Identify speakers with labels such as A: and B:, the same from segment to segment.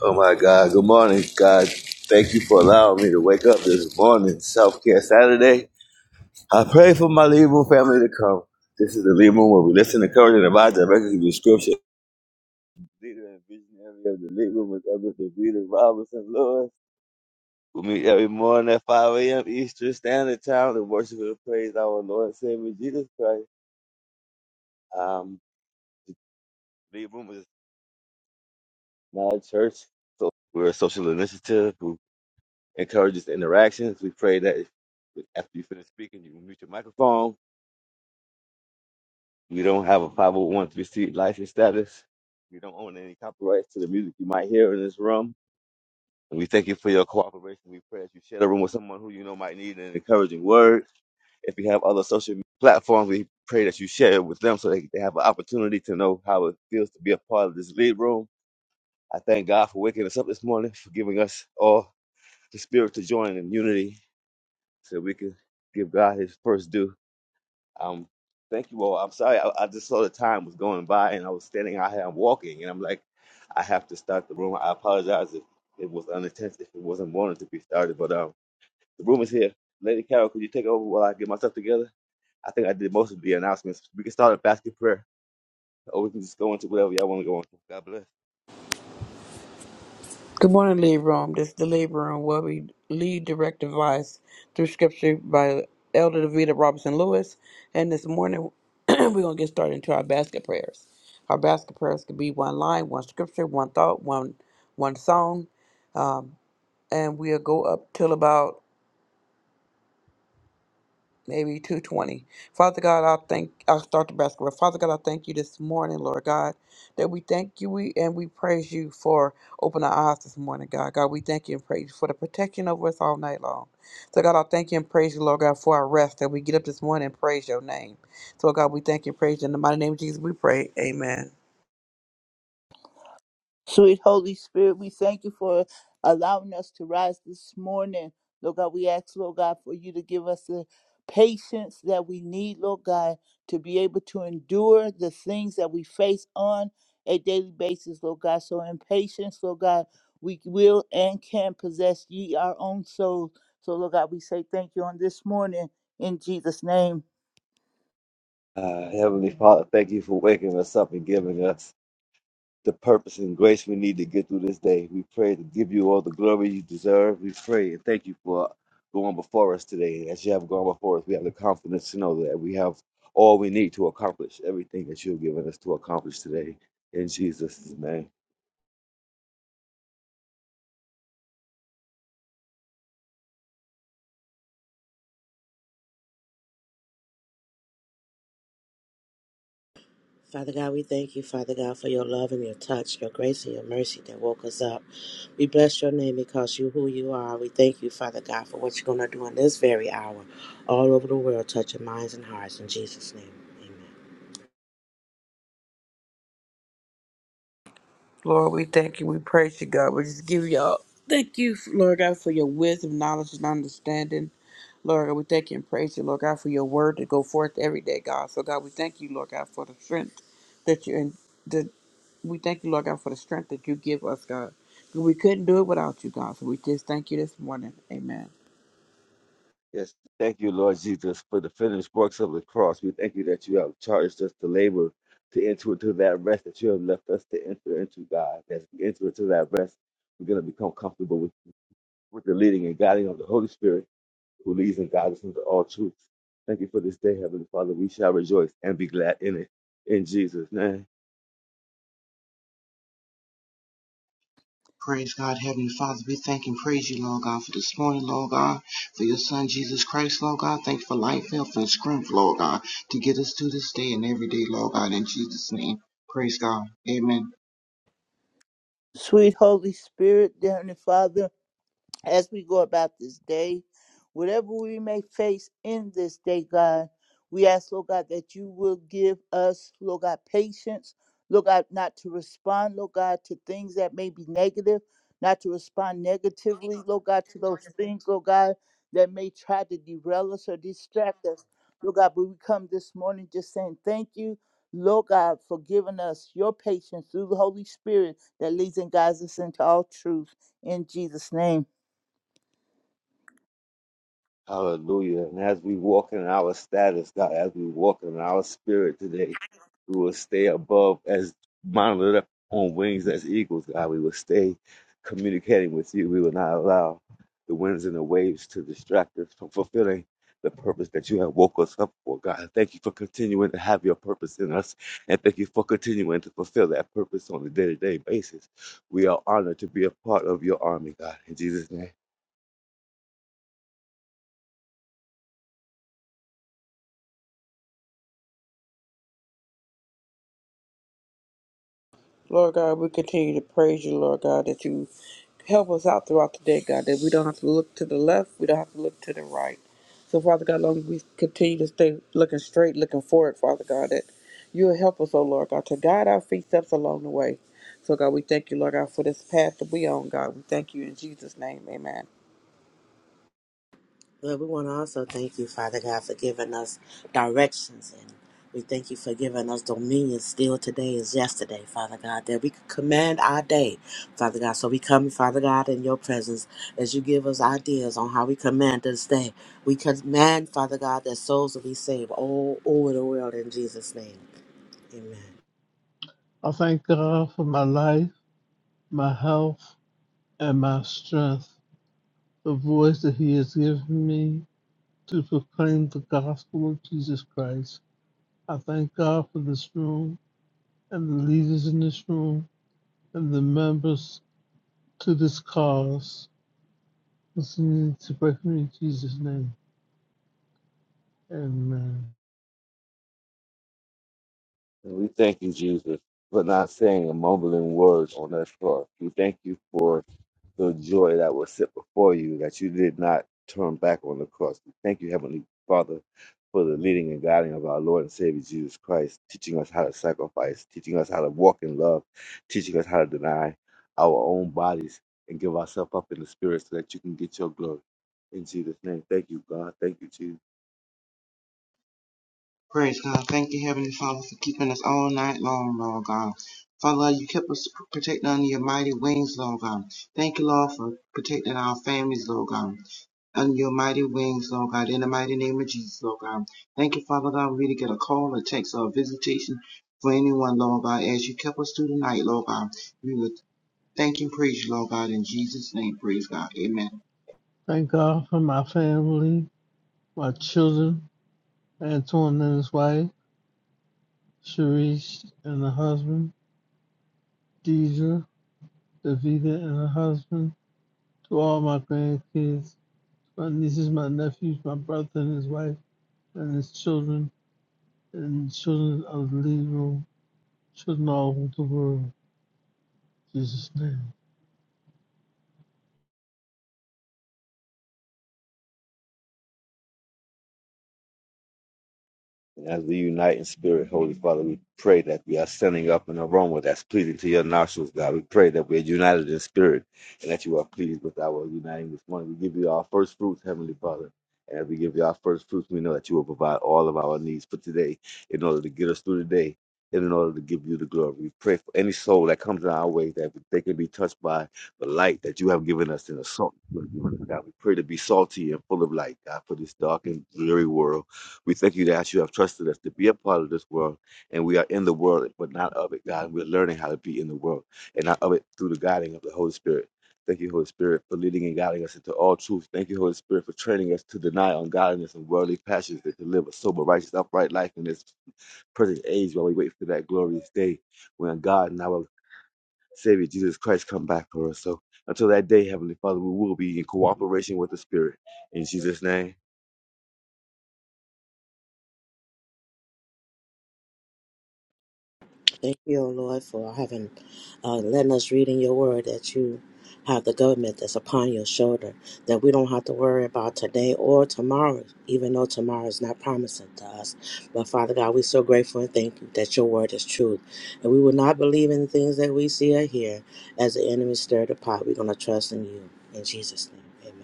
A: Oh my God. Good morning, God. Thank you for allowing me to wake up this morning, Self Care Saturday. I pray for my Libra family to come. This is the Libra Room where we listen to courage and advise directly through scripture. Leader and visionary of the Libra Room is Elder Davida Robinson Lewis. We meet every morning at 5 a.m. Eastern Standard Time to worship and praise our Lord and Savior Jesus Christ. Um, the Libra Room is not a church, so we're a social initiative. encourages interactions. We pray that if, after you finish speaking, you mute your microphone. We don't have a 501c license status. We don't own any copyrights to the music you might hear in this room. And we thank you for your cooperation. We pray that you share the room with someone who you know might need an encouraging word. If you have other social platforms, we pray that you share it with them so they, they have an opportunity to know how it feels to be a part of this lead room. I thank God for waking us up this morning, for giving us all the spirit to join in unity so we can give God His first due. Um, thank you all. I'm sorry, I, I just saw the time was going by, and I was standing out here, I'm walking, and I'm like, I have to start the room. I apologize if it was unintentional, if it wasn't wanted to be started, but um, the room is here. Lady Carol, could you take over while I get myself together? I think I did most of the announcements. We can start a basket prayer, or we can just go into whatever y'all want to go into. God bless.
B: Good morning, Lead Room. This is the Lead Room where we lead direct advice through scripture by Elder Davida Robinson Lewis. And this morning, we're going to get started into our basket prayers. Our basket prayers could be one line, one scripture, one thought, one one song. Um, and we'll go up till about maybe 220. Father God, I thank I'll start the basketball. Father God, I thank you this morning, Lord God, that we thank you we and we praise you for opening our eyes this morning, God. God, we thank you and praise you for the protection over us all night long. So God, I thank you and praise you, Lord God, for our rest that we get up this morning and praise your name. So God, we thank you and praise you. In the mighty name of Jesus, we pray. Amen.
C: Sweet Holy Spirit, we thank you for allowing us to rise this morning. Lord God, we ask, Lord God, for you to give us the patience that we need, Lord God, to be able to endure the things that we face on a daily basis, Lord God. So in patience, Lord God, we will and can possess ye our own souls. So, Lord God, we say thank you on this morning in Jesus' name.
A: Uh, Heavenly Father, thank you for waking us up and giving us the purpose and grace we need to get through this day. We pray to give you all the glory you deserve. We pray and thank you for going before us today. And as you have gone before us, we have the confidence to know that we have all we need to accomplish everything that you've given us to accomplish today in Jesus' name.
D: Father God, we thank you, Father God, for your love and your touch, your grace and your mercy that woke us up. We bless your name because you who you are. We thank you, Father God, for what you're going to do in this very hour, all over the world, touching minds and hearts. In Jesus' name, amen.
B: Lord, we thank you. We praise you, God. We just give y'all. Thank you, Lord God, for your wisdom, knowledge, and understanding. Lord God, we thank you and praise you, Lord God, for your word to go forth every day, God. So, God, we thank you, Lord God, for the strength that you and the we thank you, Lord God, for the strength that you give us, God. We couldn't do it without you, God. So we just thank you this morning. Amen.
A: Yes, thank you, Lord Jesus, for the finished works of the cross. We thank you that you have charged us to labor to enter into that rest that you have left us to enter into, God. As we enter into that rest, we're going to become comfortable with, with the leading and guiding of the Holy Spirit who leads and guides us into all truth. Thank you for this day, Heavenly Father. We shall rejoice and be glad in it. In Jesus' name.
E: Praise God, Heavenly Father. We thank and praise you, Lord God, for this morning, Lord God, for your Son, Jesus Christ, Lord God. Thank you for life, health, and strength, Lord God, to get us through this day and every day, Lord God, in Jesus' name. Praise God. Amen.
C: Sweet Holy Spirit, dear Heavenly Father. as we go about this day, whatever we may face in this day, God, we ask, Lord God, that you will give us, Lord God, patience, Lord God, not to respond, Lord God, to things that may be negative, not to respond negatively, Lord God, to those things, Lord God, that may try to derail us or distract us. Lord God, but we come this morning just saying thank you, Lord God, for giving us your patience through the Holy Spirit that leads and guides us into all truth. In Jesus' name.
A: Hallelujah. And as we walk in our status, God, as we walk in our spirit today, we will stay above as monitored up on wings as eagles, God. We will stay communicating with you. We will not allow the winds and the waves to distract us from fulfilling the purpose that you have woke us up for, God. Thank you for continuing to have your purpose in us. And thank you for continuing to fulfill that purpose on a day to day basis. We are honored to be a part of your army, God. In Jesus' name.
B: Lord God, we continue to praise you, Lord God, that you help us out throughout the day, God, that we don't have to look to the left, we don't have to look to the right. So, Father God, long as we continue to stay looking straight, looking forward, Father God, that you'll help us, oh Lord God, to guide our feet steps along the way. So, God, we thank you, Lord God, for this path that we on, God. We thank you in Jesus' name. Amen.
D: Lord, we want to also thank you, Father God, for giving us directions. And we thank you for giving us dominion still today as yesterday, Father God, that we could command our day, Father God. So we come, Father God, in your presence as you give us ideas on how we command this day. We command, Father God, that souls will be saved all over the world in Jesus' name. Amen.
F: I thank God for my life, my health, and my strength, the voice that He has given me to proclaim the gospel of Jesus Christ. I thank God for this room and the leaders in this room and the members to this cause. Listening to pray for me in Jesus' name. Amen.
A: And we thank you, Jesus, for not saying a mumbling word on that cross. We thank you for the joy that was set before you, that you did not turn back on the cross. We thank you, Heavenly Father, for the leading and guiding of our Lord and Savior Jesus Christ, teaching us how to sacrifice, teaching us how to walk in love, teaching us how to deny our own bodies and give ourselves up in the spirit so that you can get your glory. In Jesus' name, thank you, God. Thank you, Jesus.
E: Praise God. Thank you, Heavenly Father, for keeping us all night long, Lord God. Father, you kept us protected under your mighty wings, Lord God. Thank you, Lord, for protecting our families, Lord God under your mighty wings, Lord God, in the mighty name of Jesus, Lord God. Thank you, Father God, we didn't get a call, a text, or a visitation for anyone, Lord God, as you kept us through the night, Lord God. We would thank and praise you, Lord God, in Jesus' name. Praise God. Amen.
F: Thank God for my family, my children, Antoine and his wife, Sharice and her husband, Deidre, Davida and her husband. to all my grandkids, my nieces, my nephews, my brother and his wife, and his children, and the children of the living room, children all over the world. In Jesus' name.
A: And as we unite in spirit, Holy Father, we pray that we are sending up an aroma that's pleasing to your nostrils, God. We pray that we're united in spirit and that you are pleased with our uniting this morning. We give you our first fruits, Heavenly Father. And as we give you our first fruits, we know that you will provide all of our needs for today in order to get us through the day. And in order to give you the glory, we pray for any soul that comes in our way that they can be touched by the light that you have given us in the salt. you have given us, God, we pray to be salty and full of light, God, for this dark and dreary world. We thank you that you have trusted us to be a part of this world, and we are in the world, but not of it, God. We're learning how to be in the world and not of it through the guiding of the Holy Spirit. Thank you, Holy Spirit, for leading and guiding us into all truth. Thank you, Holy Spirit, for training us to deny ungodliness and worldly passions that to live a sober, righteous, upright life in this present age while we wait for that glorious day when God and our Savior Jesus Christ come back for us. So until that day, Heavenly Father, we will be in cooperation with the Spirit. In Jesus' name,
D: Thank you, O Lord, for having uh, letting us read in your word that you have the government that's upon your shoulder, that we don't have to worry about today or tomorrow, even though tomorrow is not promising to us. But Father God, we're so grateful and thank you that your word is truth. And we will not believe in things that we see or hear as the enemy stirred the pot. We're going to trust in you. In Jesus' name,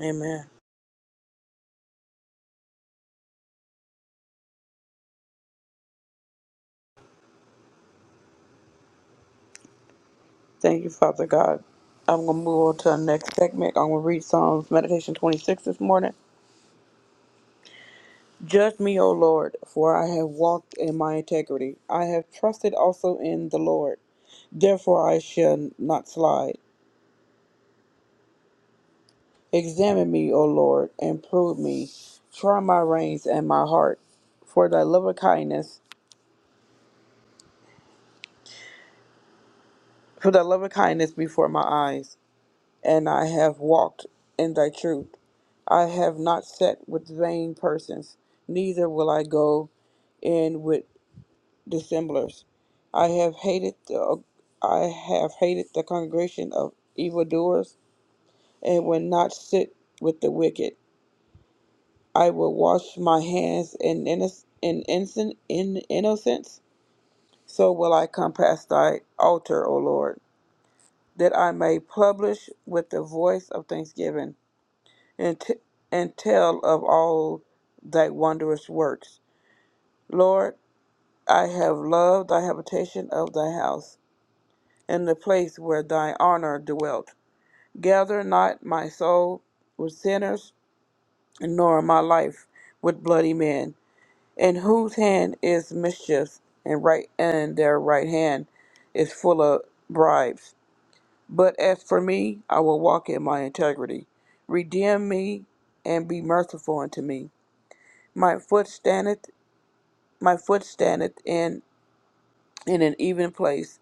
B: Amen. Thank you, Father God. I'm going to move on to our next segment. I'm going to read Psalms Meditation 26 this morning. Judge me, O Lord, for I have walked in my integrity. I have trusted also in the Lord. Therefore I shall not slide. Examine me, O Lord, and prove me. Try my reins and my heart, for thy loving kindness, for thy loving kindness before my eyes, and I have walked in thy truth. I have not sat with vain persons, neither will I go in with dissemblers. I have hated the I have hated the congregation of evildoers, and will not sit with the wicked. I will wash my hands in innoc- in innocent in innocence. So will I come past thy altar, O Lord, that I may publish with the voice of thanksgiving and t- and tell of all thy wondrous works. Lord, I have loved thy habitation of thy house in the place where thy honor dwelt. Gather not my soul with sinners, nor my life with bloody men, in whose hand is mischief, and right and their right hand is full of bribes. But as for me, I will walk in my integrity. Redeem me and be merciful unto me. My foot standeth my foot standeth in in an even place.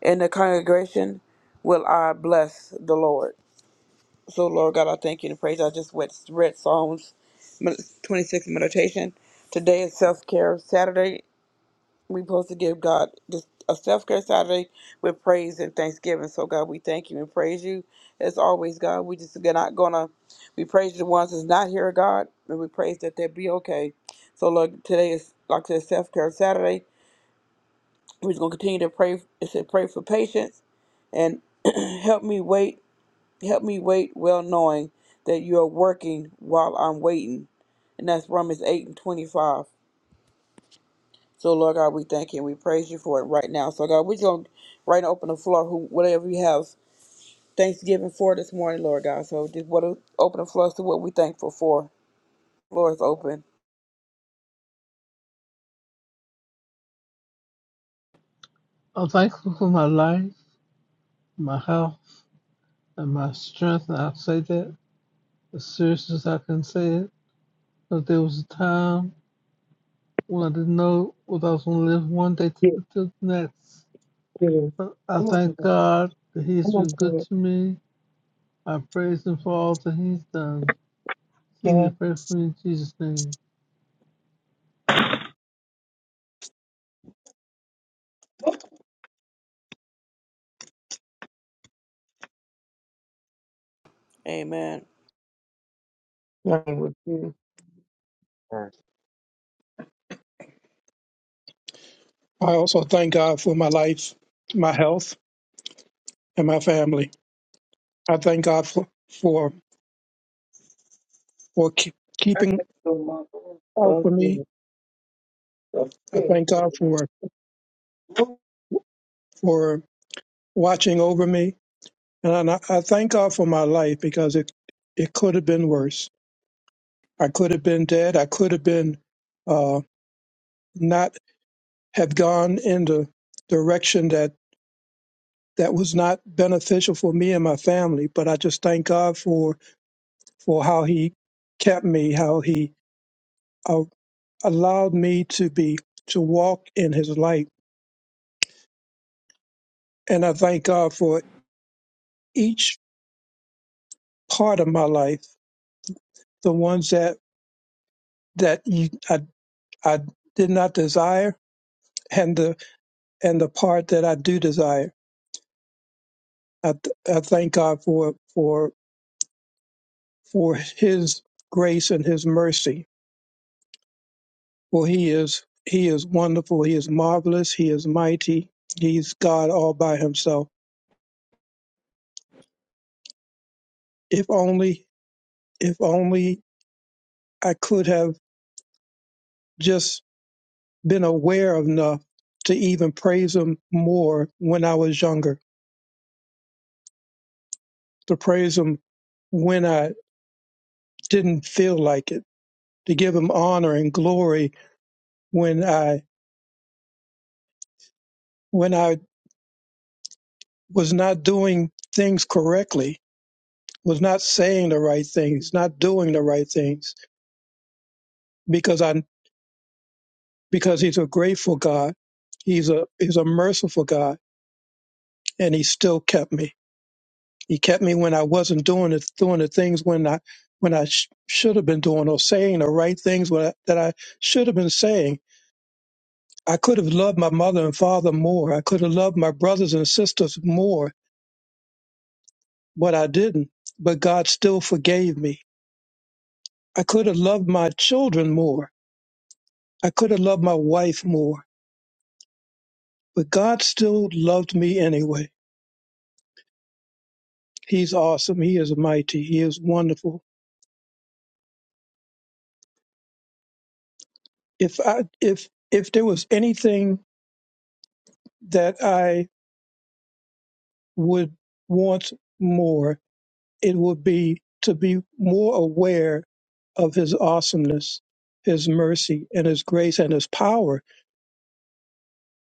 B: In the congregation will I bless the Lord. So, Lord God, I thank you and praise. you. I just went, read Psalms 26 meditation. Today is self care Saturday. we supposed to give God this, a self care Saturday with praise and thanksgiving. So, God, we thank you and praise you. As always, God, we just are not going to, we praise the ones that's not here, God, and we praise that they be okay. So, Lord, today is, like I said, self care Saturday. We're just going to continue to pray. It said, pray for patience and help me wait Help me wait, well knowing that you are working while I'm waiting. And that's Romans 8 and 25. So, Lord God, we thank you and we praise you for it right now. So, God, we're going to right now open the floor, who, whatever you have Thanksgiving for this morning, Lord God. So, just what open the floor to what we're thankful for. Floor is open.
F: I'm thankful for my life, my health, and my strength, and I'll say that as serious as I can say it. But there was a time when I didn't know what I was going to live one day to
G: Get
F: the to the next.
G: get
F: But I
G: Come on,
F: thank
G: Peter.
F: God that He's
G: Come on,
F: been good
G: Peter.
F: to me. I praise Him for all that He's done.
G: Get
F: Continue
G: it.
F: to pray for me in Jesus' name.
B: Amen.
G: Yeah, I would
H: I also thank God for my life, my health, and my family. I thank God for for for keep,
G: I
H: keeping
G: just don't mind.
H: out
G: Thank
H: for me.
G: you.
H: I
G: Thank
H: thank God for
G: you.
H: for watching over me, and I, I thank God for my life because it it could have been worse. I could have been dead. I could have been uh, not have gone in the direction that that was not beneficial for me and my family. But I just thank God for for how He kept me, how He allowed me to be to walk in his light and i thank god for each part of my life the ones that that you, I, I did not desire and the and the part that i do desire i, th- I thank god for for for his grace and his mercy for he is he is wonderful he is marvelous he is mighty he's god all by himself if only if only i could have just. been aware enough to even praise him more when I was younger, to praise him when I didn't feel like it, to give him honor and glory when I when I was not doing things correctly, was not saying the right things, not doing the right things, because I because he's a grateful God, he's a he's a merciful God, and he still kept me. He kept me when I wasn't doing it, doing the things when I when I sh- should have been doing or saying the right things when I, that I should have been saying. I could have loved my mother and father more. I could have loved my brothers and sisters more, but I didn't. But God still forgave me. I could have loved my children more. I could have loved my wife more, but God still loved me anyway. He's awesome. He is mighty. He is wonderful. If I if if there was anything that I would want more, it would be to be more aware of his awesomeness, his mercy, and his grace and his power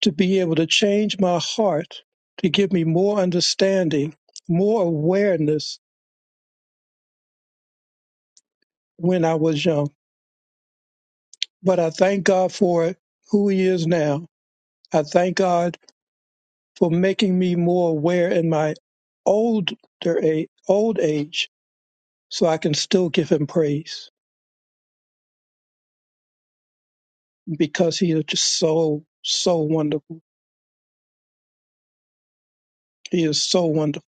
H: to be able to change my heart, to give me more understanding, more awareness when I was young. But I thank God for who he is now. I thank God for making me more aware in my older age, old age so I can still give him praise. because he is just so, so wonderful. He is so wonderful.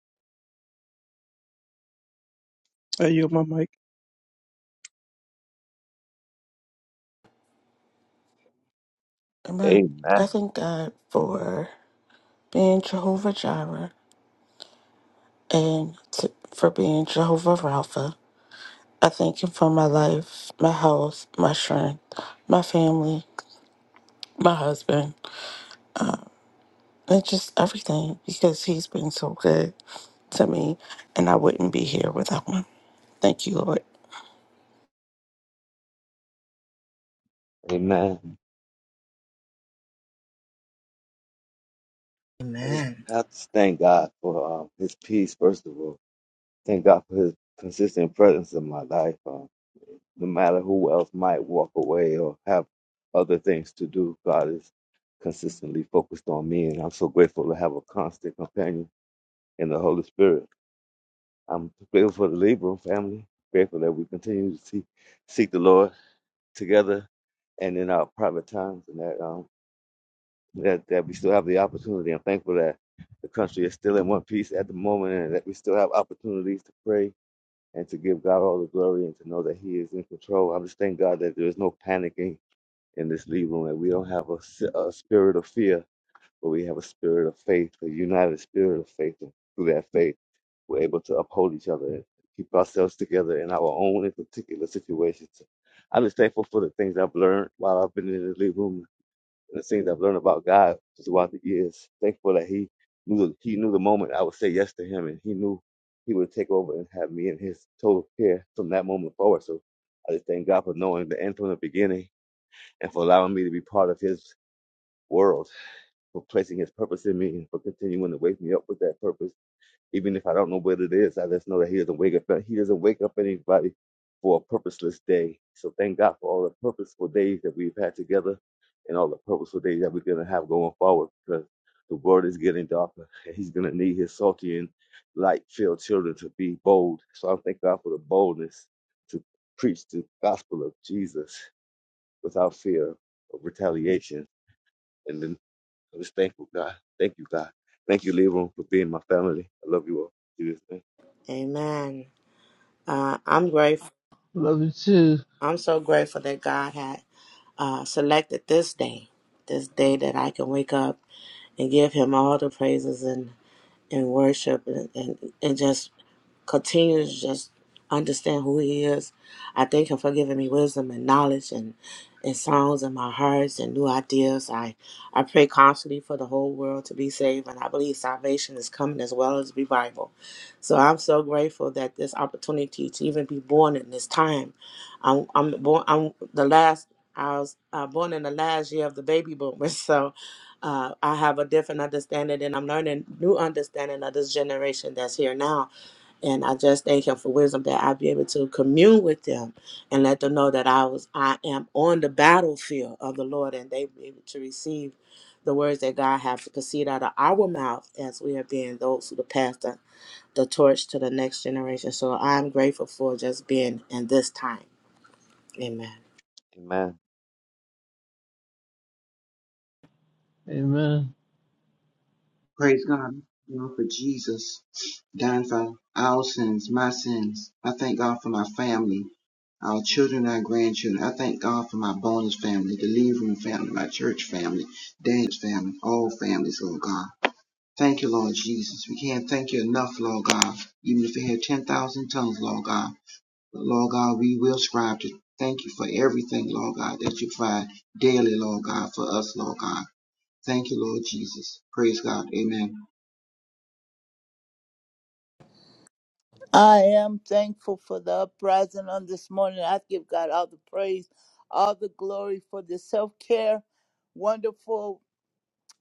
H: I yield my mic.
I: Amen. I
A: amen.
I: thank God for being Jehovah Jireh and to, for being Jehovah Rapha. I thank Him for my life, my health, my strength, my family, my husband, and just everything because He's been so good to me, and I wouldn't be here without Him. Thank you, Lord.
A: Amen.
D: amen.
A: I just
D: Amen.
A: have to thank God for um, His peace, first of all. Thank God for His consistent presence in my life. Um, no matter who else might walk away or have other things to do, God is consistently focused on me, and I'm so grateful to have a constant companion in the Holy Spirit. I'm grateful for the Libra family. Grateful that we continue to see, seek the Lord together and in our private times, and that. um. that, that we still have the opportunity. I'm thankful that the country is still in one piece at the moment and that we still have opportunities to pray and to give God all the glory and to know that He is in control. I just thank God that there is no panicking in this lead room, that we don't have a, s- a spirit of fear, but we have a spirit of faith, a united spirit of faith. And through that faith, we're able to uphold each other and keep ourselves together in our own in particular situations. I'm just thankful for the things I've learned while I've been in the lead room the things I've learned about God throughout the years. Thankful that He knew He knew the moment I would say yes to Him, and He knew He would take over and have me in His total care from that moment forward. So I just thank God for knowing the end from the beginning, and for allowing me to be part of His world, for placing His purpose in me, and for continuing to wake me up with that purpose even if I don't know what it is, I just know that He doesn't wake up. He doesn't wake up anybody for a purposeless day. So thank God for all the purposeful days that we've had together, and all the purposeful days that we're gonna have going forward. Because the world is getting darker, and He's gonna need His salty and light-filled children to be bold. So I thank God for the boldness to preach the gospel of Jesus without fear of retaliation. And then I am just thankful, God. Thank you, God. Thank you, Leroy, for being my family. I love you all. In Jesus' name.
D: Amen. Uh, I'm grateful.
F: Love you too.
D: I'm so grateful that God had uh, selected this day, this day that I can wake up and give Him all the praises and and worship and and, and just continue to just understand who he is. I thank him for giving me wisdom and knowledge and and songs in my hearts and new ideas. I, I pray constantly for the whole world to be saved and I believe salvation is coming as well as revival. So I'm so grateful that this opportunity to even be born in this time. I'm I'm born I'm the last I was uh, born in the last year of the baby boomers, so uh, I have a different understanding, and I'm learning new understanding of this generation that's here now and I just thank him for wisdom that I'll be able to commune with them and let them know that I was I am on the battlefield of the Lord and they be able to receive the words that God has to proceed out of our mouth as we are being those who pass the, the torch to the next generation. So I'm grateful for just being in this time. Amen.
A: Amen.
F: Amen.
E: Praise God, you know, for Jesus dying for our sins, my sins. I thank God for my family, our children, our grandchildren. I thank God for my bonus family, the lead room family, my church family, dance family, all families, Lord God. Thank you, Lord Jesus. We can't thank you enough, Lord God. Even if we had 10,000 tongues, Lord God. But Lord God, we will strive to thank you for everything, Lord God, that you provide daily, Lord God, for us, Lord God. Thank you, Lord Jesus. Praise God. Amen.
C: I am thankful for the uprising on this morning. I give God all the praise, all the glory for the self care. Wonderful,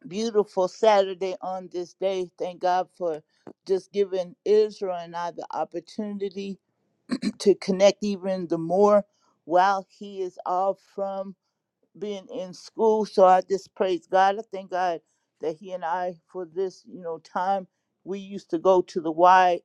C: beautiful Saturday on this day. Thank God for just giving Israel and I the opportunity to connect even the more while He is off from being in school. So I just praise God. I thank God that He and I for this, you know, time. We used to go to the Y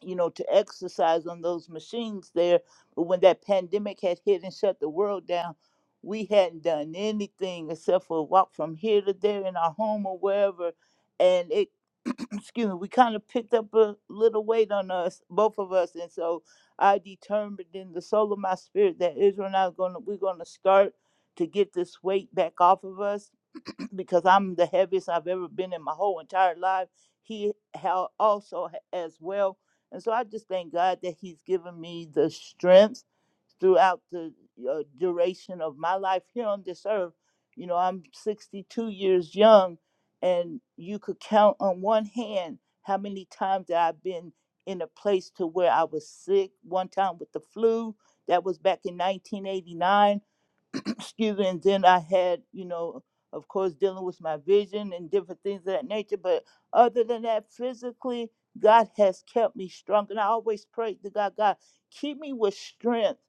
C: you know, to exercise on those machines there. But when that pandemic had hit and shut the world down, we hadn't done anything except for walk from here to there in our home or wherever. And it, excuse me, we kind of picked up a little weight on us, both of us. And so I determined in the soul of my spirit that Israel and I are gonna we're gonna start to get this weight back off of us because I'm the heaviest I've ever been in my whole entire life. He how also ha- as well and so I just thank God that He's given me the strength throughout the uh, duration of my life here on this earth. You know, I'm 62 years young, and you could count on one hand how many times that I've been in a place to where I was sick. One time with the flu, that was back in 1989. excuse me, and then I had, you know, of course, dealing with my vision and different things of that nature. But other than that, physically, God has kept me strong. And I always pray to God, God, keep me with strength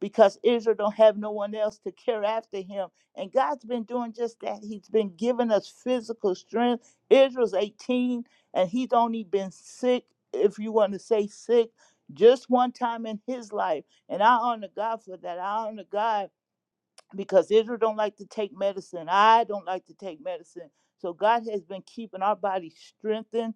C: because Israel don't have no one else to care after him. And God's been doing just that. He's been giving us physical strength. Israel's 18 and he's only been sick, if you want to say sick, just one time in his life. And I honor God for that. I honor God because Israel don't like to take medicine. I don't like to take medicine. So God has been keeping our body strengthened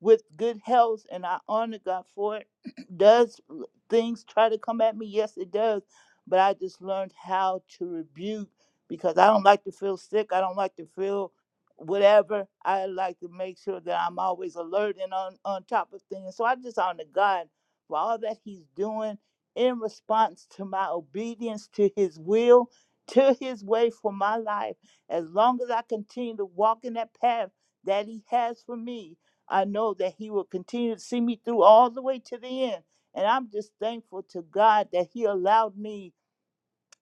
C: with good health, and I honor God for it. does things try to come at me? Yes, it does. But I just learned how to rebuke because I don't like to feel sick. I don't like to feel whatever. I like to make sure that I'm always alert and on, on top of things. So I just honor God for all that He's doing in response to my obedience to His will to his way for my life. As long as I continue to walk in that path that he has for me, I know that he will continue to see me through all the way to the end. And I'm just thankful to God that he allowed me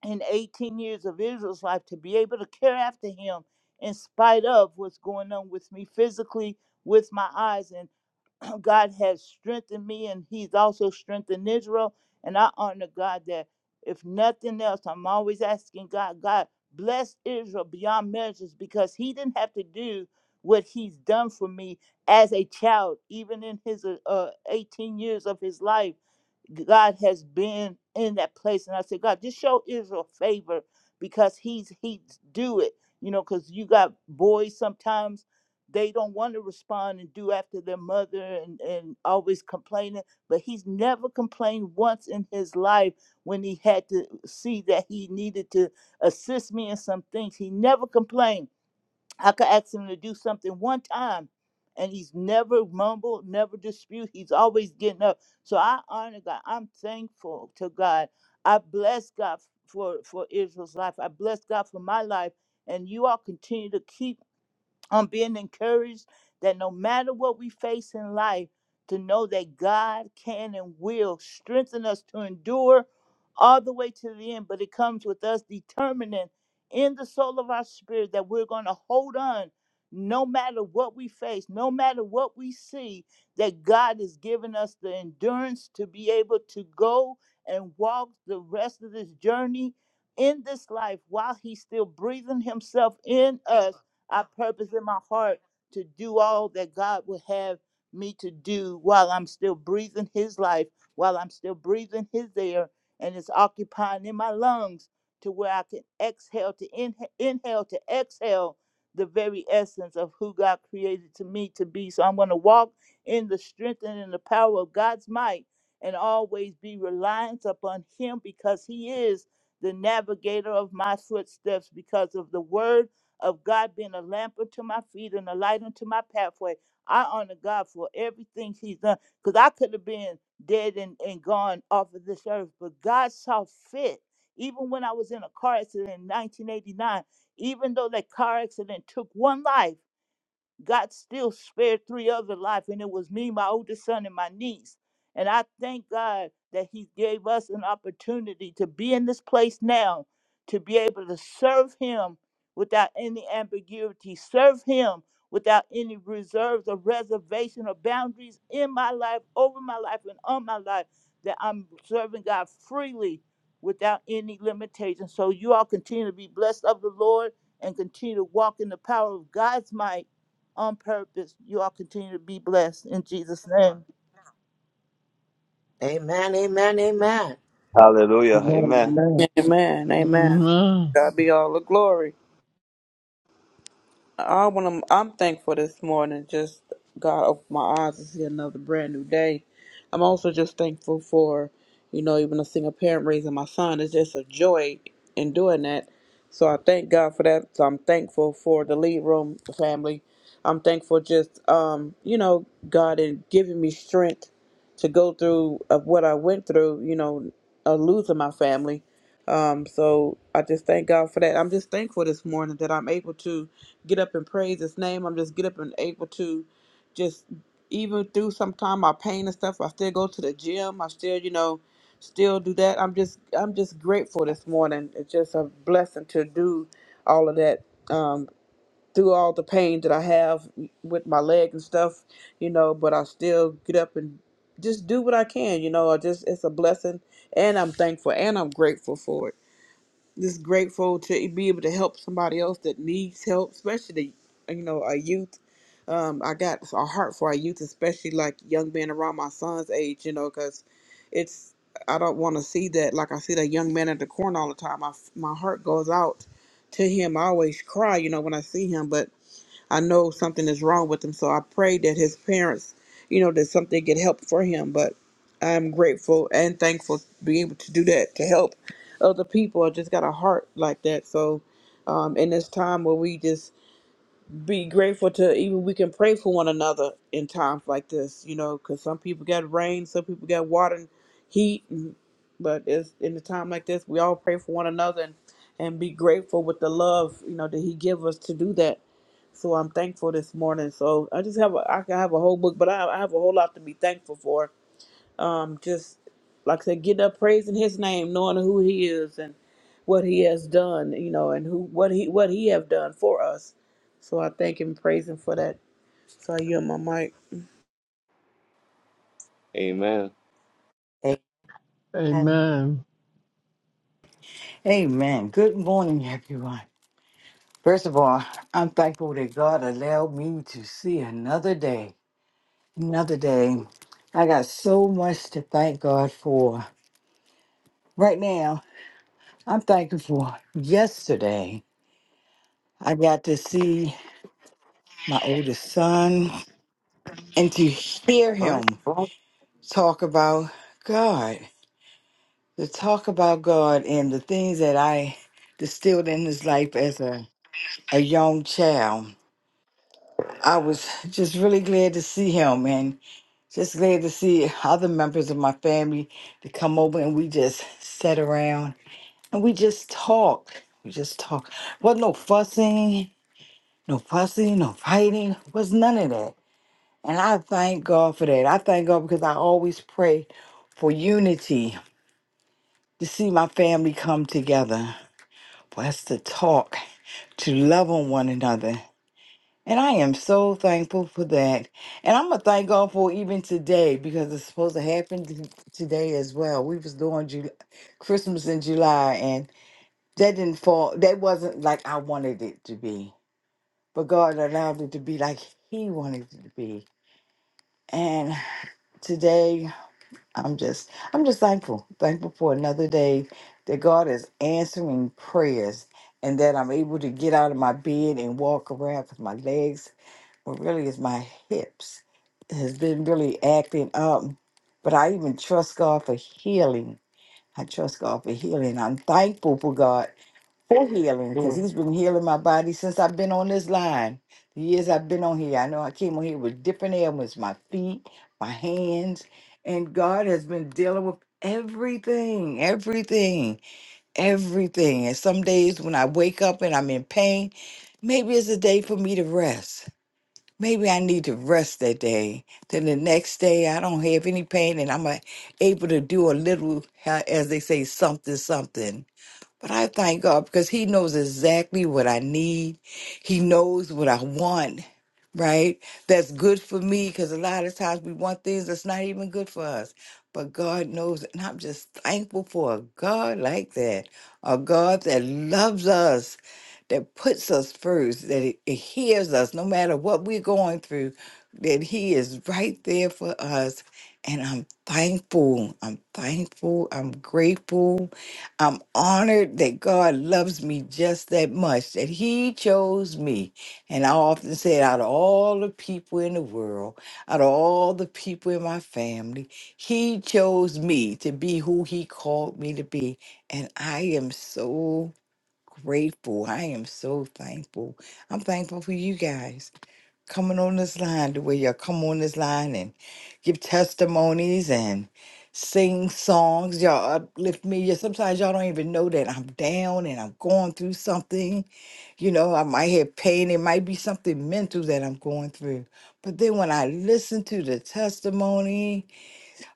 C: in 18 years of Israel's life to be able to care after him in spite of what's going on with me physically, with my eyes. and. God has strengthened me and He's also strengthened Israel. And I honor God that if nothing else, I'm always asking God, God, bless Israel beyond measures because He didn't have to do what He's done for me as a child, even in His uh, uh, 18 years of His life. God has been in that place. And I said, God, just show Israel favor because he's he's do it. You know, because you got boys sometimes they don't want to respond and do after their mother and, and always complaining. But he's never complained once in his life when he had to see that he needed to assist me in some things. He never complained I could ask him to do something one time, and he's never mumbled, never dispute. He's always getting up. So I honor God. I'm thankful to God. I bless God for for Israel's life. I bless God for my life, and you all continue to keep. I'm being encouraged that no matter what we face in life, to know that God can and will strengthen us to endure all the way to the end. But it comes with us determining in the soul of our spirit that we're going to hold on no matter what we face, no matter what we see, that God has given us the endurance to be able to go and walk the rest of this journey in this life while He's still breathing Himself in us I purpose in my heart to do all that God would have me to do while I'm still breathing His life, while I'm still breathing His air, and it's occupying in my lungs to where I can exhale to inha- inhale to exhale the very essence of who God created to me to be. So I'm going to walk in the strength and in the power of God's might and always be reliant upon Him because He is the navigator of my footsteps because of the word of God being a lamp unto my feet and a light unto my pathway. I honor God for everything He's done because I could have been dead and, and gone off of this earth, but God saw fit. Even when I was in a car accident in 1989, even though that car accident took one life, God still spared three other life, and it was me, my oldest son, and my niece. And I thank God that He gave us an opportunity to be in this place now, to be able to serve Him without any ambiguity, serve Him without any reserves or reservation or boundaries in my life, over my life, and on my life, that I'm serving God freely without any limitation. So you all continue to be blessed of the Lord and continue to walk in the power of God's might on purpose. You all continue to be blessed in Jesus' name.
D: Amen, amen, amen.
A: Hallelujah.
H: Amen.
A: Amen.
H: Amen.
B: Amen. Amen.
F: Amen.
B: God be all the glory. I want to, I'm thankful this morning. Just God opened my eyes to see another brand new day. I'm also just thankful for, you know, even a single parent raising my son. It's just a joy in doing that. So I thank God for that. So I'm thankful for the lead room family. I'm thankful just, um, you know, God in giving me strength to go through of what I went through, you know, uh, losing my family. Um, so I just thank God for that. I'm just thankful this morning that I'm able to get up and praise his name. I'm just get up and able to just even through sometime my pain and stuff, I still go to the gym. I still, you know, still do that. I'm just I'm just grateful this morning. It's just a blessing to do all of that. Um through all the pain that I have with my leg and stuff, you know, but I still get up and just do what I can, you know. I just it's a blessing and I'm thankful and I'm grateful for it just grateful to be able to help somebody else that needs help, especially the, you know a youth. Um, I got a heart for our youth, especially like young men around my son's age, you know, because it's I don't want to see that. Like I see that young man at the corner all the time. I, my heart goes out to him. I always cry, you know, when I see him, but I know something is wrong with him, so I pray that his parents, you know, that something get help for him. But I'm grateful and thankful to be able to do that to help other people. I just got a heart like that, so um, in this time where we just be grateful to even we can pray for one another in times like this, you know, because some people got rain, some people got water and heat, and, but it's in a time like this we all pray for one another and, and be grateful with the love you know that He give us to do that so I'm thankful this morning. So I just have a, I can have a whole book, but I, I have a whole lot to be thankful for. Um, just like I said, getting up praising His name, knowing who He is and what He has done, you know, and who what He what He have done for us. So I thank Him, and praise Him for that. So I yield my mic.
A: Amen.
D: Amen.
F: Amen.
J: Amen. Good morning, everyone. First of all, I'm thankful that God allowed me to see another day. Another day. I got so much to thank God for. Right now, I'm thankful for yesterday. I got to see my oldest son and to hear
K: God
J: him
K: bless
J: talk about God, to talk about God and the things that I distilled in his life as a, a young child. I was just really glad to see him and just glad to see other members of my family to come over and we just sat around and we just talked. We just talked. Wasn't no fussing, no fussing, no fighting. Was none of that. And I thank God for that. I thank God because I always pray for unity to see my family come together, for us to talk, to love on one another. And I am so thankful for that. And I'm gonna thank God for even today because it's supposed to happen t- today as well. We was doing July, Christmas in July, and that didn't fall. That wasn't like I wanted it to be, but God allowed it to be like He wanted it to be. And today, I'm just, I'm just thankful, thankful for another day that God is answering prayers, and that I'm able to get out of my bed and walk around with my legs well, really, is my hips has been really acting up. But I even trust God for healing. I trust God for healing. I'm thankful for God for healing because
K: you.
J: He's been healing my body since I've been on this line. The years I've been on here, I know I came on here with different ailments my feet, my hands, and God has been dealing with everything, everything, everything. And some days when I wake up and I'm in pain, maybe it's a day for me to rest Maybe I need to rest that day. Then the next day, I don't have any pain and I'm uh, able to do a little, ha- as they say, something, something. But I thank God because He knows exactly what I need. He knows what I want, right? That's good for me because a lot of times we want things that's not even good for us. But God knows. it. And I'm just thankful for a God like that, a God that loves us, that puts us first, that it, it hears us no matter what we're going through, that He is right there for us. And I'm thankful. I'm thankful. I'm grateful. I'm honored that God loves me just that much, that He chose me. And I often said, out of all the people in the world, out of all the people in my family, He chose me to be who He called me to be. And I am so grateful. I am so thankful. I'm thankful for you guys coming on this line the way y'all come on this line and give testimonies and sing songs. Y'all uplift me. Yeah, sometimes y'all don't even know that I'm down and I'm going through something. You know, I might have pain. It might be something mental that I'm going through. But then when I listen to the testimony,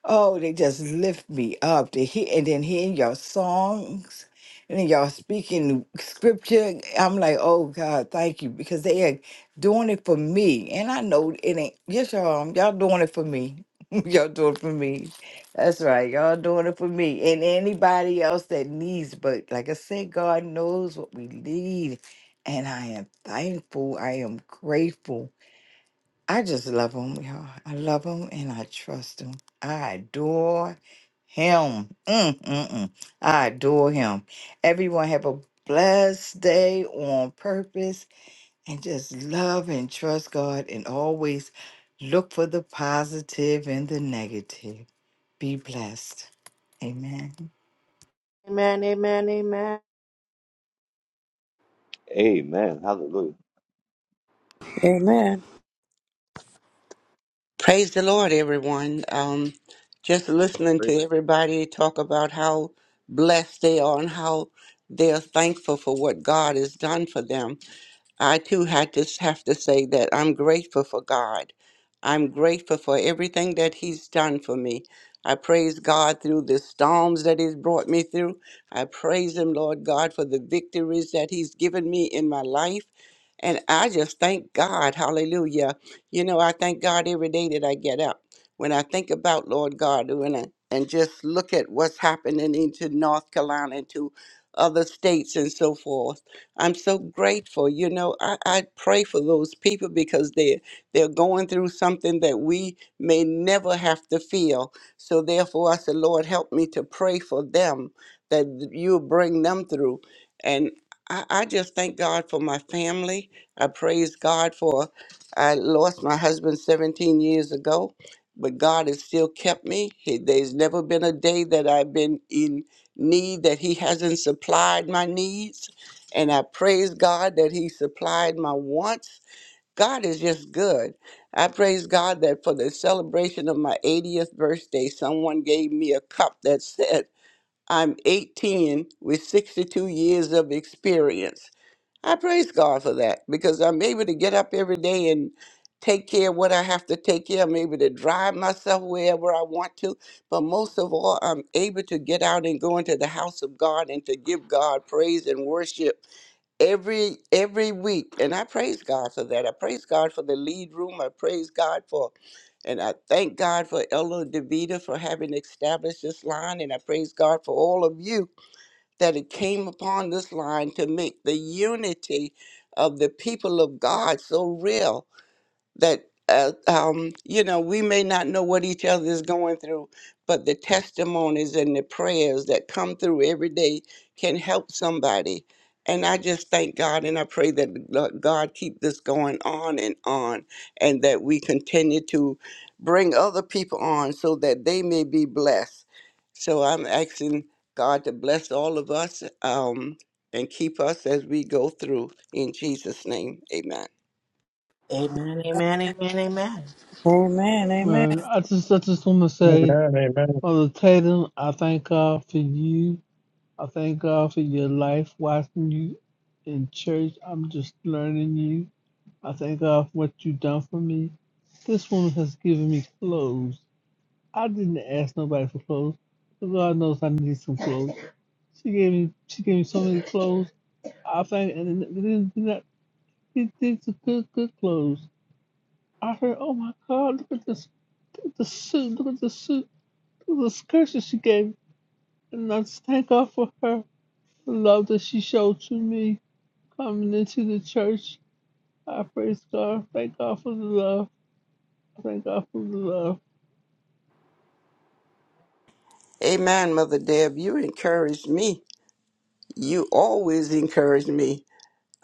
J: Oh, they just lift me up to hear, and then hearing your songs, and then y'all speaking scripture. I'm like, oh God, thank you, because they are doing it for me, and I know it ain't. Yes, y'all, y'all doing it for me. y'all doing it for me. That's right, y'all doing it for me, and anybody else that needs. But like I said, God knows what we need, and I am thankful. I am grateful I just love him, y'all. I love him and I trust him. I adore him. Mm, mm, mm. I adore him. Everyone have a blessed day on purpose and just love and trust God and always look for the positive and the negative. Be blessed. Amen.
D: Amen, amen, amen.
A: Amen. Hallelujah.
B: Amen.
L: Praise the Lord, everyone. Um, just listening to
A: Praise
L: everybody talk about how blessed they are and how they are thankful for what God has done for them. I too had to s- have to say that I'm grateful for God. I'm grateful for everything that He's done for me. I praise God through the storms that He's brought me through. I praise Him, Lord God, for the victories that He's given me in my life. And I just thank God. Hallelujah. You know, I thank God every day that I get up. When I think about Lord God when I, and just look at what's happening into North Carolina into other states and so forth I'm so grateful. You know, I, I pray for those people because they're they're going through something that we may never have to feel. So therefore I said, Lord, help me to pray for them that you'll bring them through. And I, I just thank God for my family. I praise God for I lost my husband 17 years ago, but God has still kept me. He- There's never been a day that I've been in need that he hasn't supplied my needs and I praise God that He supplied my wants. God is just good. I praise God that for the celebration of my 80th birthday, someone gave me a cup that said, I'm 18 with 62 years of experience. I praise God for that because I'm able to get up every day and take care of what I have to take care of. I'm able to drive myself wherever I want to. But most of all, I'm able to get out and go into the house of God and to give God praise and worship every every week and i praise god for that i praise god for the lead room i praise god for and i thank god for ella devita for having established this line and i praise god for all of you that it came upon this line to make the unity of the people of god so real that uh, um, you know we may not know what each other is going through but the testimonies and the prayers that come through every day can help somebody and i just thank god and i pray that lo- god keep this going on and on and that we continue to bring other people on so that they may be blessed so i'm asking god to bless all of us um, and keep us as we go through in jesus name amen
D: Amen, amen, amen, amen.
B: Amen. Amen.
F: Man, I just I just want to say, Mother Tatum, I thank God for you. I thank God for your life, watching you in church. I'm just learning you. I thank God for what you've done for me. This woman has given me clothes. I didn't ask nobody for clothes. but God knows I need some clothes. She gave me she gave me so many clothes. I thank and then- then- then I- these these are good good clothes. I heard, oh my God, look at this, look at the suit, look at the suit, look at the skirt that she gave me. And I just thank God for her the love that she showed to me coming into the church. I praise God. Thank God for the love. Thank God for the love.
L: Amen, Mother Deb. You encouraged me. You always encourage me.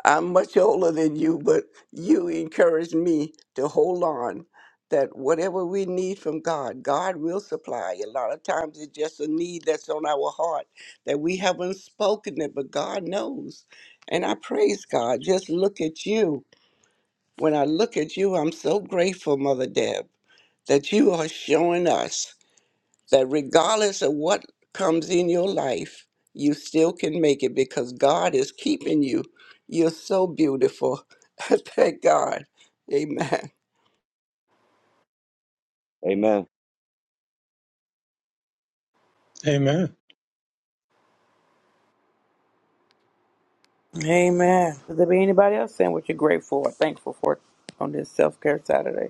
L: I'm much older than you, but you encourage me to hold on that whatever we need from God, God will supply. A lot of times it's just a need that's on our heart that we haven't spoken it, but God knows. And I praise God. Just look at you. When I look at you, I'm so grateful, Mother Deb, that you are showing us that regardless of what comes in your life, you still can make it because God is keeping you. You're so beautiful. Thank God. Amen.
A: Amen.
H: Amen.
B: Amen. Does there be anybody else saying what you're grateful or thankful for on this self care Saturday?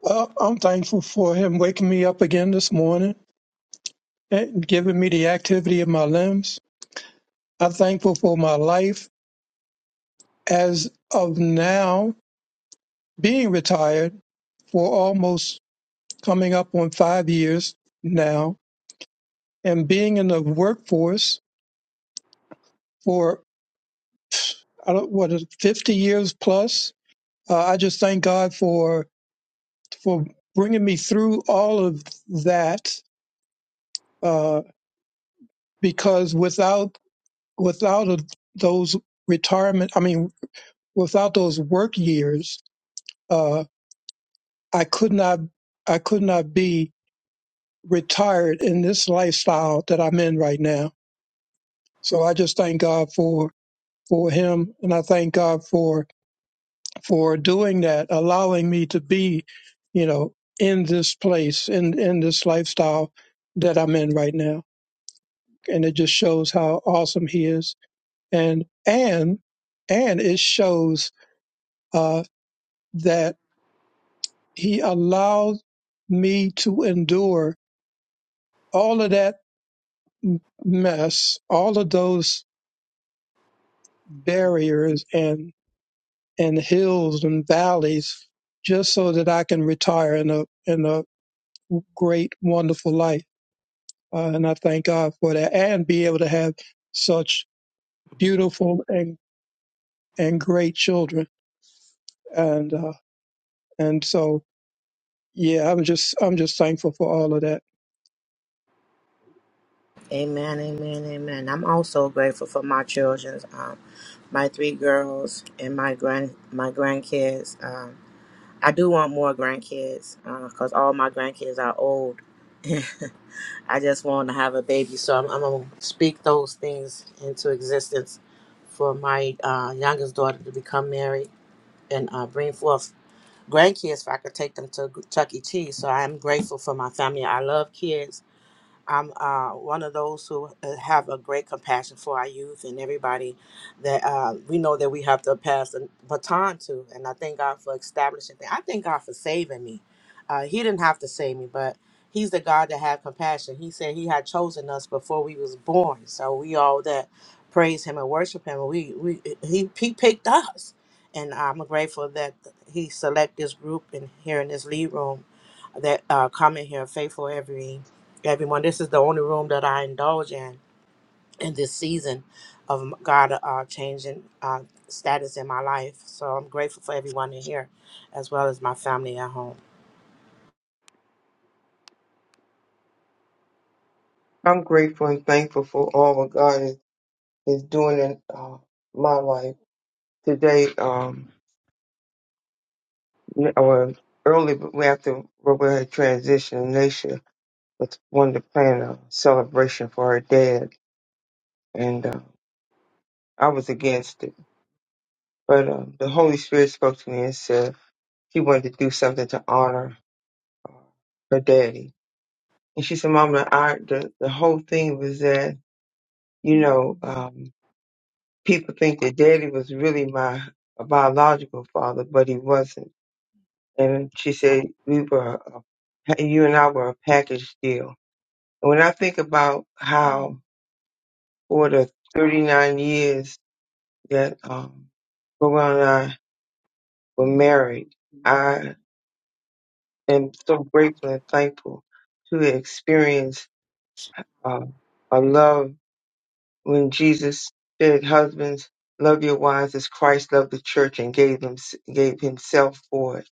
H: Well, I'm thankful for him waking me up again this morning and giving me the activity of my limbs. I'm thankful for my life as of now being retired for almost coming up on five years now and being in the workforce for I don't, what what 50 years plus. Uh, I just thank God for for bringing me through all of that uh, because without without a, those retirement I mean without those work years uh, I could not I could not be retired in this lifestyle that I'm in right now so I just thank God for for him and I thank God for for doing that allowing me to be you know in this place in in this lifestyle that I'm in right now and it just shows how awesome he is and and and it shows uh, that he allowed me to endure all of that mess all of those barriers and and hills and valleys just so that i can retire in a in a great wonderful life uh, and i thank god for that and be able to have such beautiful and and great children and uh, and so yeah, I'm just I'm just thankful for all of that.
D: Amen, amen, amen. I'm also grateful for my children. my three girls and my grand my grandkids. Um, I do want more grandkids because all my grandkids are old. I just want to have a baby, so I'm, I'm gonna speak those things into existence for my uh, youngest daughter to become married and uh, bring forth grandkids. If I could take them to Chuck E. Cheese, so I am grateful for my family. I love kids I'm uh, one of those who uh, have a great compassion for our youth and everybody that uh, we know that we have to pass the baton to. And I thank God for establishing that. I thank God for saving me. Uh, he didn't have to save me, but He's the God that had compassion. He said He had chosen us before we was born. So we all that praise Him and worship Him, we we He He picked us, and I'm grateful that He select this group and here in this lead room that uh, come in here faithful every everyone. This is the only room that I indulge in in this season of God uh, changing uh, status in my life. So I'm grateful for everyone in here, as well as my family at home.
G: I'm grateful and thankful for all what God is, is doing in uh, my life. Today, um, or early but after Roberta had transitioned, Nisha was wanted to plan a celebration for her dad, and uh, I was against it. But uh, the Holy Spirit spoke to me and said he wanted to do something to honor her daddy. And she said, Mama, I, the, the whole thing was that, you know, um, people think that daddy was really my biological father, but he wasn't. And she said, we were, a, you and I were a package deal. And when I think about how for the 39 years that, um, Rowan and I were married, I am so grateful and thankful to experience, um, a love when Jesus said, "Husbands, love your wives as Christ loved the church and gave them gave Himself for it."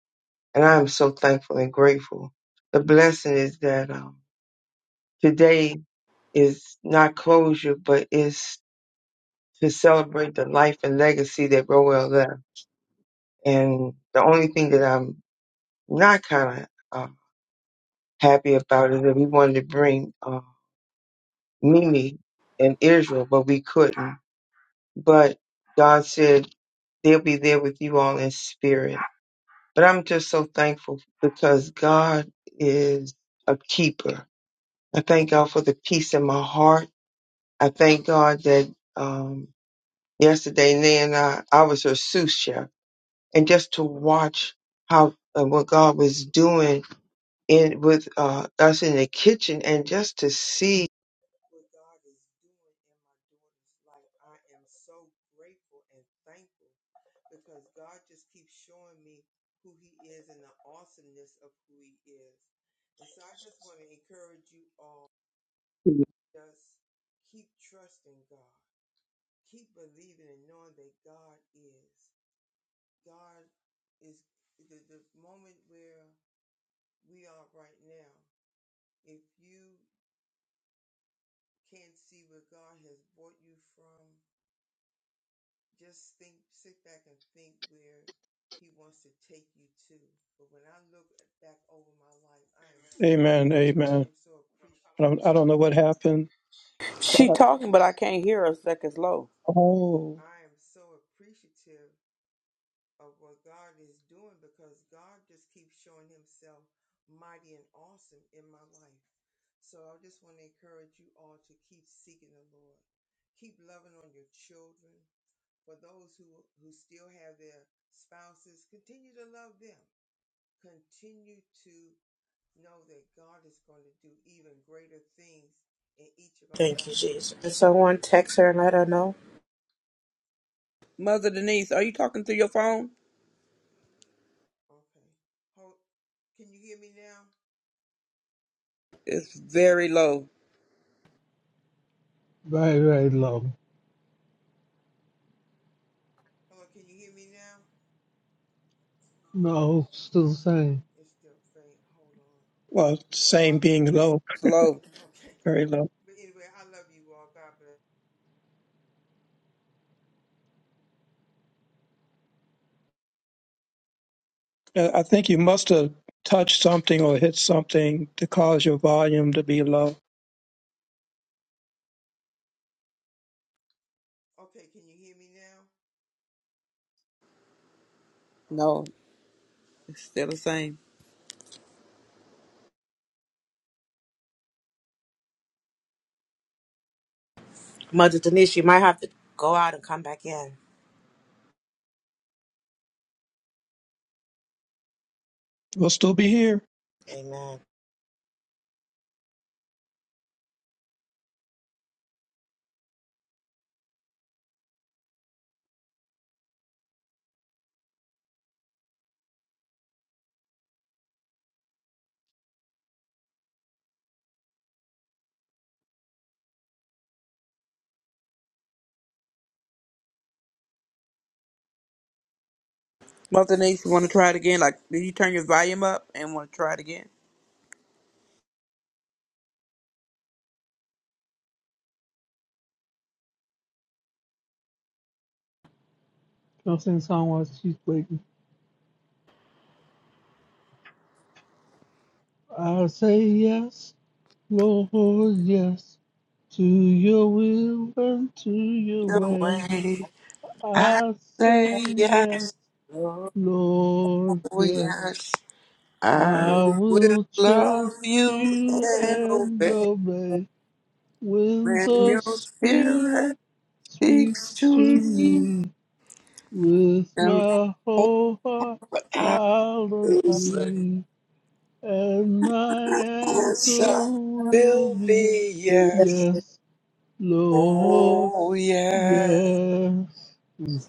G: And I am so thankful and grateful. The blessing is that um, today is not closure, but is to celebrate the life and legacy that Roel left. And the only thing that I'm not kind of uh, happy about is that we wanted to bring uh, Mimi and Israel, but we couldn't. But God said they'll be there with you all in spirit. But I'm just so thankful because God is a keeper. I thank God for the peace in my heart. I thank God that um, yesterday, Nan and I, I was her sous chef, and just to watch how uh, what God was doing in with uh, us in the kitchen, and just to see. what God is doing in my daughter's life. I am so grateful and thankful because God just keeps showing me who He is and the awesomeness of who He is. And so I just want to encourage you all just keep trusting God, keep believing and knowing that God is. God is the, the moment where we are right now. If you can't see where God has brought you from, Just think, sit back and think where He wants to take you to. But when I look back over my life, I am so,
H: Amen. Amen.
G: I'm so
H: I don't
G: appreciative.
H: I don't know what happened, but
B: She
H: I,
B: talking, but I can't hear her. Second's low.
H: oh,
G: I am so appreciative of what God is doing because God just keeps showing Himself mighty and awesome in my life. So I just want to encourage you all to keep seeking the Lord, keep loving on your children. For those who who still have their spouses, continue to love them continue to know that God is going to do even greater things in each of our
D: Thank you,
G: lives.
D: Jesus. Can someone text her and let her know?
B: Mother Denise, are you talking through your phone?
G: Okay. Hold, can you hear me now?
B: It's very low.
F: Very, very low.
G: Hello, can you hear me now?
F: No, still the same.
G: It's still faint. Hold on.
H: well,
G: Well, I,
H: same being low,
B: It's low.
G: okay.
H: very low.
G: But anyway, I love you all. God bless.
H: Uh, I think you must have touched something or hit something to cause your volume to be low.
G: Okay, can you hear me now?
B: No,
G: Okay.
B: it's still the same.
D: Mother Denise, you might have to go out and come back in.
H: We'll still be here.
D: Amen.
B: Mother Denise, you want to try it again? Like, did you turn your volume up and want to try it again?
F: Don't sing the song while she's waiting. I say yes, Lord, yes, to your will and to your
L: Your
F: way.
L: way. I
F: I say
L: say yes,
F: yes.
D: Glory
F: Lord,
L: oh
F: yes,
L: yes. I
F: I
L: will
F: will
L: love
F: trust
L: you
F: you
L: and
F: and
L: obey
F: obey when
L: when
F: the
L: your spirit
F: Spirit
L: speaks
F: speaks
L: to
F: to
L: me.
F: me with
L: And
F: my
L: hope
F: whole heart.
L: I
F: I'll
L: will
F: obey, and my answer
L: answer
F: will
L: will
F: be
L: be
D: to
L: yes.
F: yes, Lord,
L: Oh yeah.
F: yes. Mm,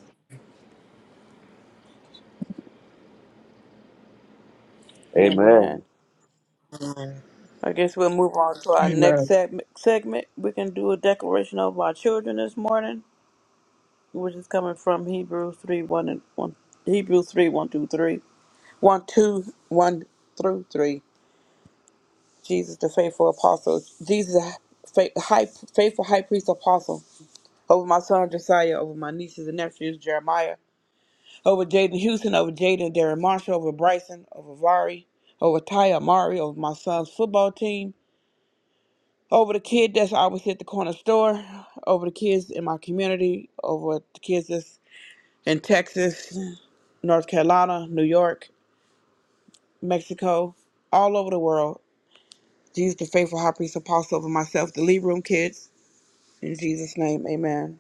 A: Amen.
B: Amen.
D: God.
B: I guess we'll move on to our next
H: Amen.
B: seg- segment. We can do a declaration over our children this morning, which is coming from Hebrews 3 1 and 1. Hebrews 3 1 through 3. 1 two one through 3. Jesus, the faithful apostle. Jesus, the fa- high, faithful high priest apostle. Over my son Josiah, over my nieces and nephews, Jeremiah. over Jaden Houston, over Jaden Darren Marshall, over Bryson, over Vari, over Ty Amari, over my son's football team, over the kid that's always at the corner store, over the kids in my community, over the kids that's in Texas, North Carolina, New York, Mexico, all over the world. Jesus, the faithful high priest apostle over myself, the lead room kids. In Jesus' name, amen.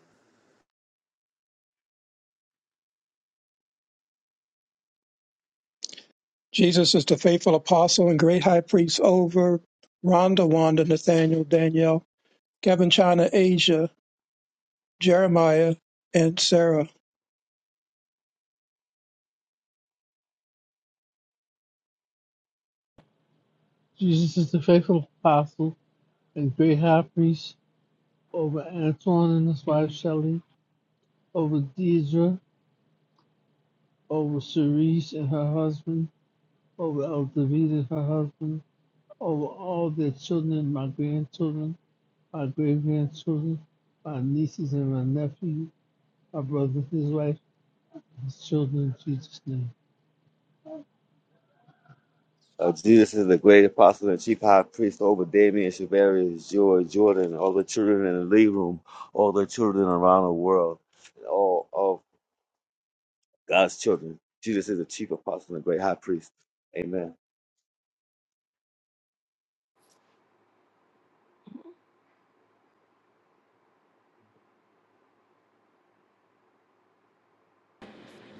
H: Jesus is the faithful apostle and great high priest over Rhonda, Wanda, Nathaniel, Danielle, Kevin, China, Asia, Jeremiah, and Sarah.
F: Jesus is the faithful apostle and great high priest over Antoine and his wife Shelley, over Deidre, over Cerise and her husband, over Eldavita and her husband, over all their children, and my grandchildren, my great grandchildren, my nieces and my nephew, my brother, his wife, his children, in Jesus' name.
A: Uh, Jesus is the great apostle and chief high priest over Damien, Shavarius, George, Jordan, all the children in the league room, all the children around the world, and all of God's children. Jesus is the chief apostle and great high priest. Amen.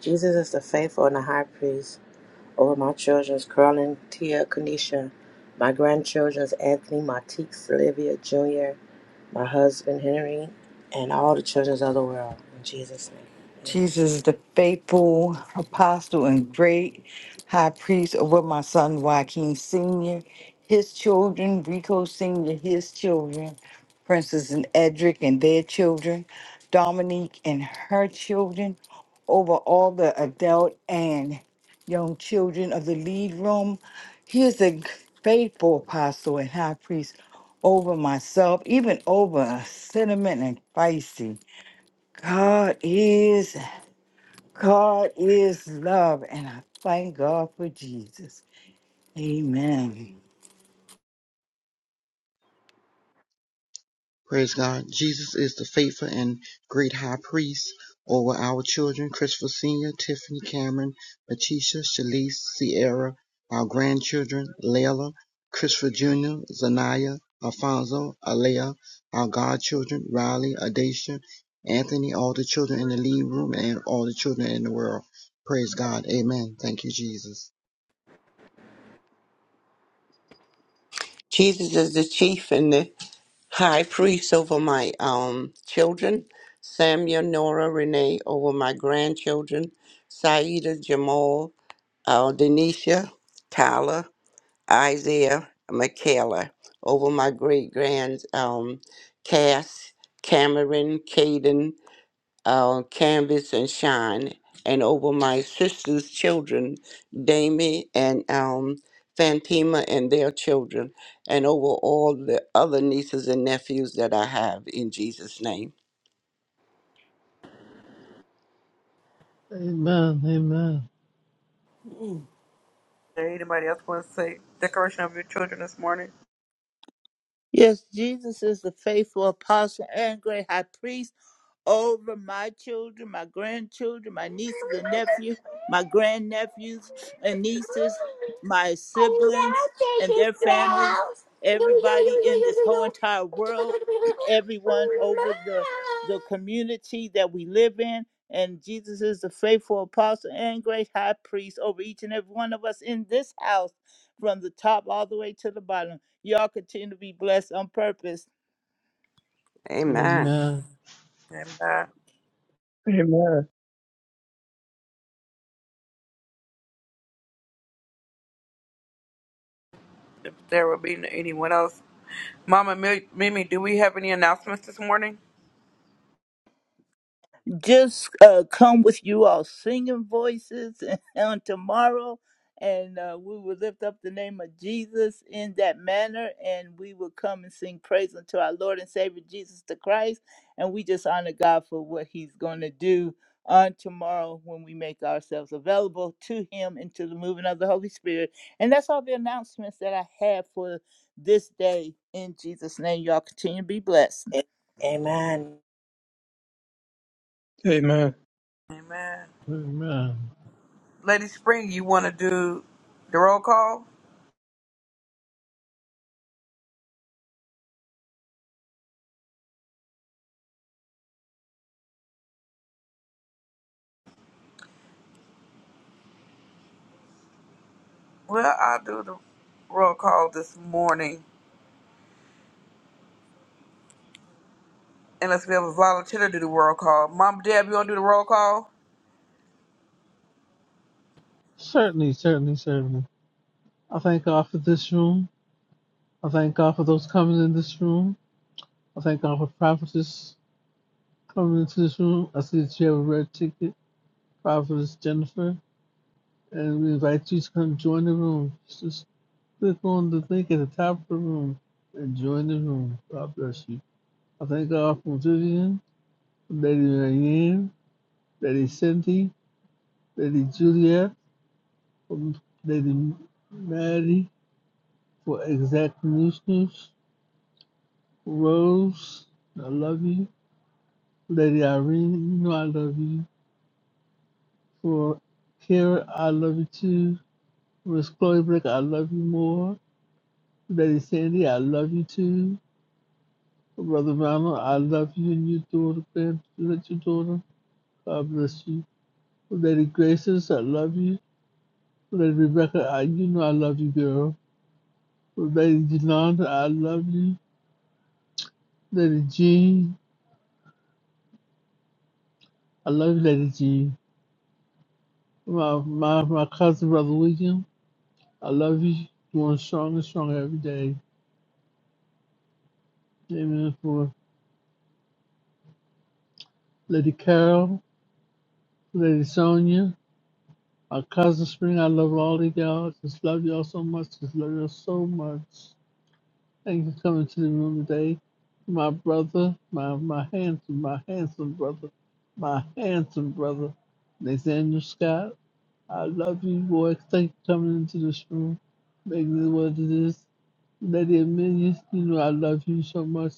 D: Jesus is the faithful and the high priest over my children's Carolyn Tia Kanisha, my grandchildren's Anthony Matique Olivia Jr. my husband Henry, and all the children of the world. In Jesus' name, amen.
J: Jesus, the faithful apostle and great high priest over my son Joaquin Sr., his children, Rico Sr., his children, Princess and Edric and their children, Dominique and her children, over all the adult and young children of the lead room. He is a faithful apostle and high priest over myself, even over Cinnamon and Feisty. God is. God is love, and I thank God for Jesus. Amen.
E: Praise God. Jesus is the faithful and great high priest over our children, Christopher Sr., Tiffany, Cameron, Letitia, Shalice, Sierra, our grandchildren, Layla, Christopher Jr., Zanaya, Alfonso, Alea, our godchildren, Riley, Adacia, Anthony, all the children in the lead room, and all the children in the world. Praise God. Amen. Thank you, Jesus.
L: Jesus is the chief and the high priest over my um children, Samuel, Nora, Renee, over my grandchildren, Saida, Jamal, uh, Denisha, Tyler, Isaiah, Michaela, over my great grands, um, Cass, Cameron, Caden, uh, Canvas and Shine, and over my sister's children, Damie and um, Fantima and their children, and over all the other nieces and nephews that I have in Jesus' name.
F: Amen, amen,
B: Is there anybody else want to say decoration of your children this morning?
C: Yes, Jesus is the faithful apostle and great high priest. over my children, my grandchildren, my nieces and nephews, my grandnephews and nieces, my
K: I
C: siblings
K: love
C: and
K: baby
C: their families,
K: girls. You, you,
C: everybody in this whole entire
K: you, you,
C: world,
K: you,
C: everyone
K: you,
C: over the
K: you.
C: the community that we live in. And Jesus is the faithful apostle and great high priest over each and every one of us in this house, from the top all the way to the bottom. Y'all continue to be blessed on purpose.
L: Amen.
F: amen,
B: Amen.
H: Amen.
B: If there will be anyone else, Mama Mi- Mimi, do we have any announcements this morning?
C: just uh, come with you all singing voices on tomorrow. And uh, we will lift up the name of Jesus in that manner. And we will come and sing praise unto our Lord and Savior Jesus the Christ. And we just honor God for what he's going to do on tomorrow when we make ourselves available to him and to the moving of the Holy Spirit. And that's all the announcements that I have for this day. In Jesus' name, y'all continue to be blessed.
D: A- Amen.
H: Amen.
B: Amen.
F: amen.
B: Lady Spring, you want to do the roll call? Well, I'll do the roll call this morning. Unless we have a volunteer to do the roll call. Mom, Deb, you want to do the roll call?
F: Certainly, certainly, certainly. I thank God for this room. I thank God for those coming in this room. I thank God for prophecies Coming to this room, I see that you have a red ticket, Prophetess Jennifer, and we invite you to come join the room. Just click on the link at the top of the room and join the room. God bless you. I thank God for Vivian, Lady Marianne, Lady Cindy, Lady Juliet, um, Lady Maddie, for Exact News, Rose, I love you. Lady Irene, you know I love you. For Kara, I love you too. Miss Chloe Blake, I love you more. Lady Sandy, I love you too. Brother Ronald, I love you and your daughter, grand, your daughter. God bless you. Lady Graces, I love you. Lady Rebecca, I, you know I love you, girl. Lady Jananda, I love you. Lady Jean, I love you, Lady Jean. My, my, my cousin, Brother William, I love you. Doing stronger and stronger every day. Amen. For Lady Carol, Lady Sonia, My cousin Spring, I love all of y'all. Just love y'all so much. Just love y'all so much. Thank you for coming to the room today. My brother, my my handsome, my handsome brother, my handsome brother, Nathaniel Scott. I love you, boy. Thank you for coming into this room, making it what it is. Lady Amelia, you know I love you so much.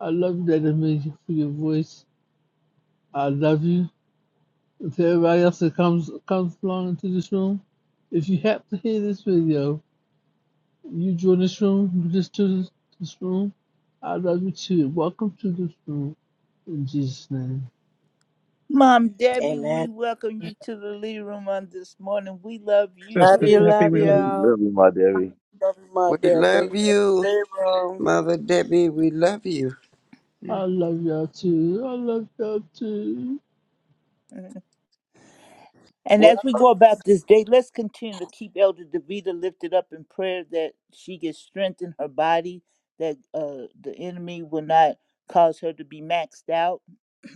F: I love you, Lady Amelia, for your voice. I love you. to everybody else that comes comes along into this room, if you happen to hear this video, you join this room, you just to this, this room, I love you too. Welcome to this room in Jesus' name.
C: Mom Debbie, we
D: Amen.
C: welcome you to the Lee Room on this morning. We love you
D: Love
H: Sister
D: you,
C: too.
H: Debbie,
D: love
H: we love you.
D: you.
A: Love you, my dearie.
B: Love you, Mom,
L: We
B: Deb. Thank
L: love
B: you for
L: you,
B: the living room.
L: Mother Debbie. We love you.
F: I love y'all too. I love y'all too.
C: Mhm. And as we
B: Well,
C: go about this day, let's continue to keep Elder Davita lifted up in prayer that she gets strength in her body, that uh, the enemy will not cause her to be maxed out.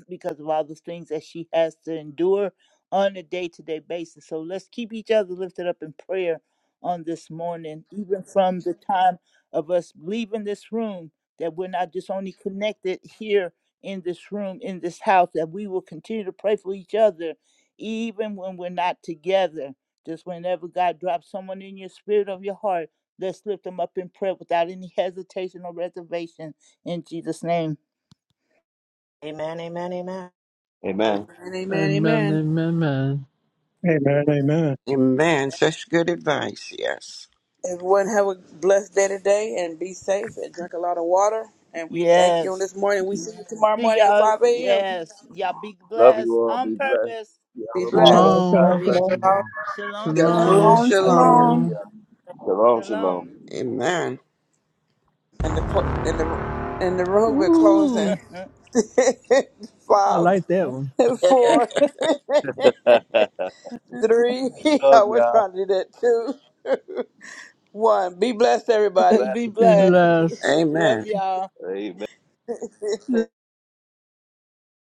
C: because of all the things that she has to endure on a day to day basis. So let's keep each other lifted up in prayer on this morning, even from the time of us leaving this room, that we're not just only connected here in this room, in this house, that we will continue to pray for each other, even when we're not together. Just whenever God drops someone in your spirit of your heart, let's lift them up in prayer without any hesitation or reservation in Jesus' name.
D: Amen, amen, amen.
A: Amen.
B: amen, amen,
F: Amen,
B: amen.
F: amen, amen.
H: Amen. Amen.
L: Amen. Such good advice. Yes.
B: Everyone have a blessed day today and be safe and drink a lot of water. And we thank you on
C: Yes.
B: this morning. We see you tomorrow
C: See
B: morning at
C: y'all.
B: 5 a.m.
C: Yes. Y'all be
A: Love you
C: blessed
A: all.
C: on
A: Be blessed.
C: purpose.
A: See
B: Be
A: y'all tomorrow.
B: blessed.
H: Shalom,
A: God
H: shalom,
F: Shalom,
D: Love you.
A: bless
H: shalom.
A: you
D: shalom.
A: all.
C: Shalom,
L: Shalom,
F: shalom,
C: shalom,
M: Shalom,
L: shalom.
M: shalom.
F: shalom.
A: Hallelujah. Shalom,
C: shalom.
A: shalom.
L: Amen.
B: and the cl- and the and the road we're
F: Ooh,
B: closing.
F: I
B: Five,
F: like that one.
B: four, three. I
A: Love
B: was
A: y'all.
B: trying to do that too. One. Be blessed, everybody.
C: be
A: Blessings.
F: Be
C: blessed.
A: Blessings.
F: blessed.
L: Amen.
C: Love y'all.
A: Amen.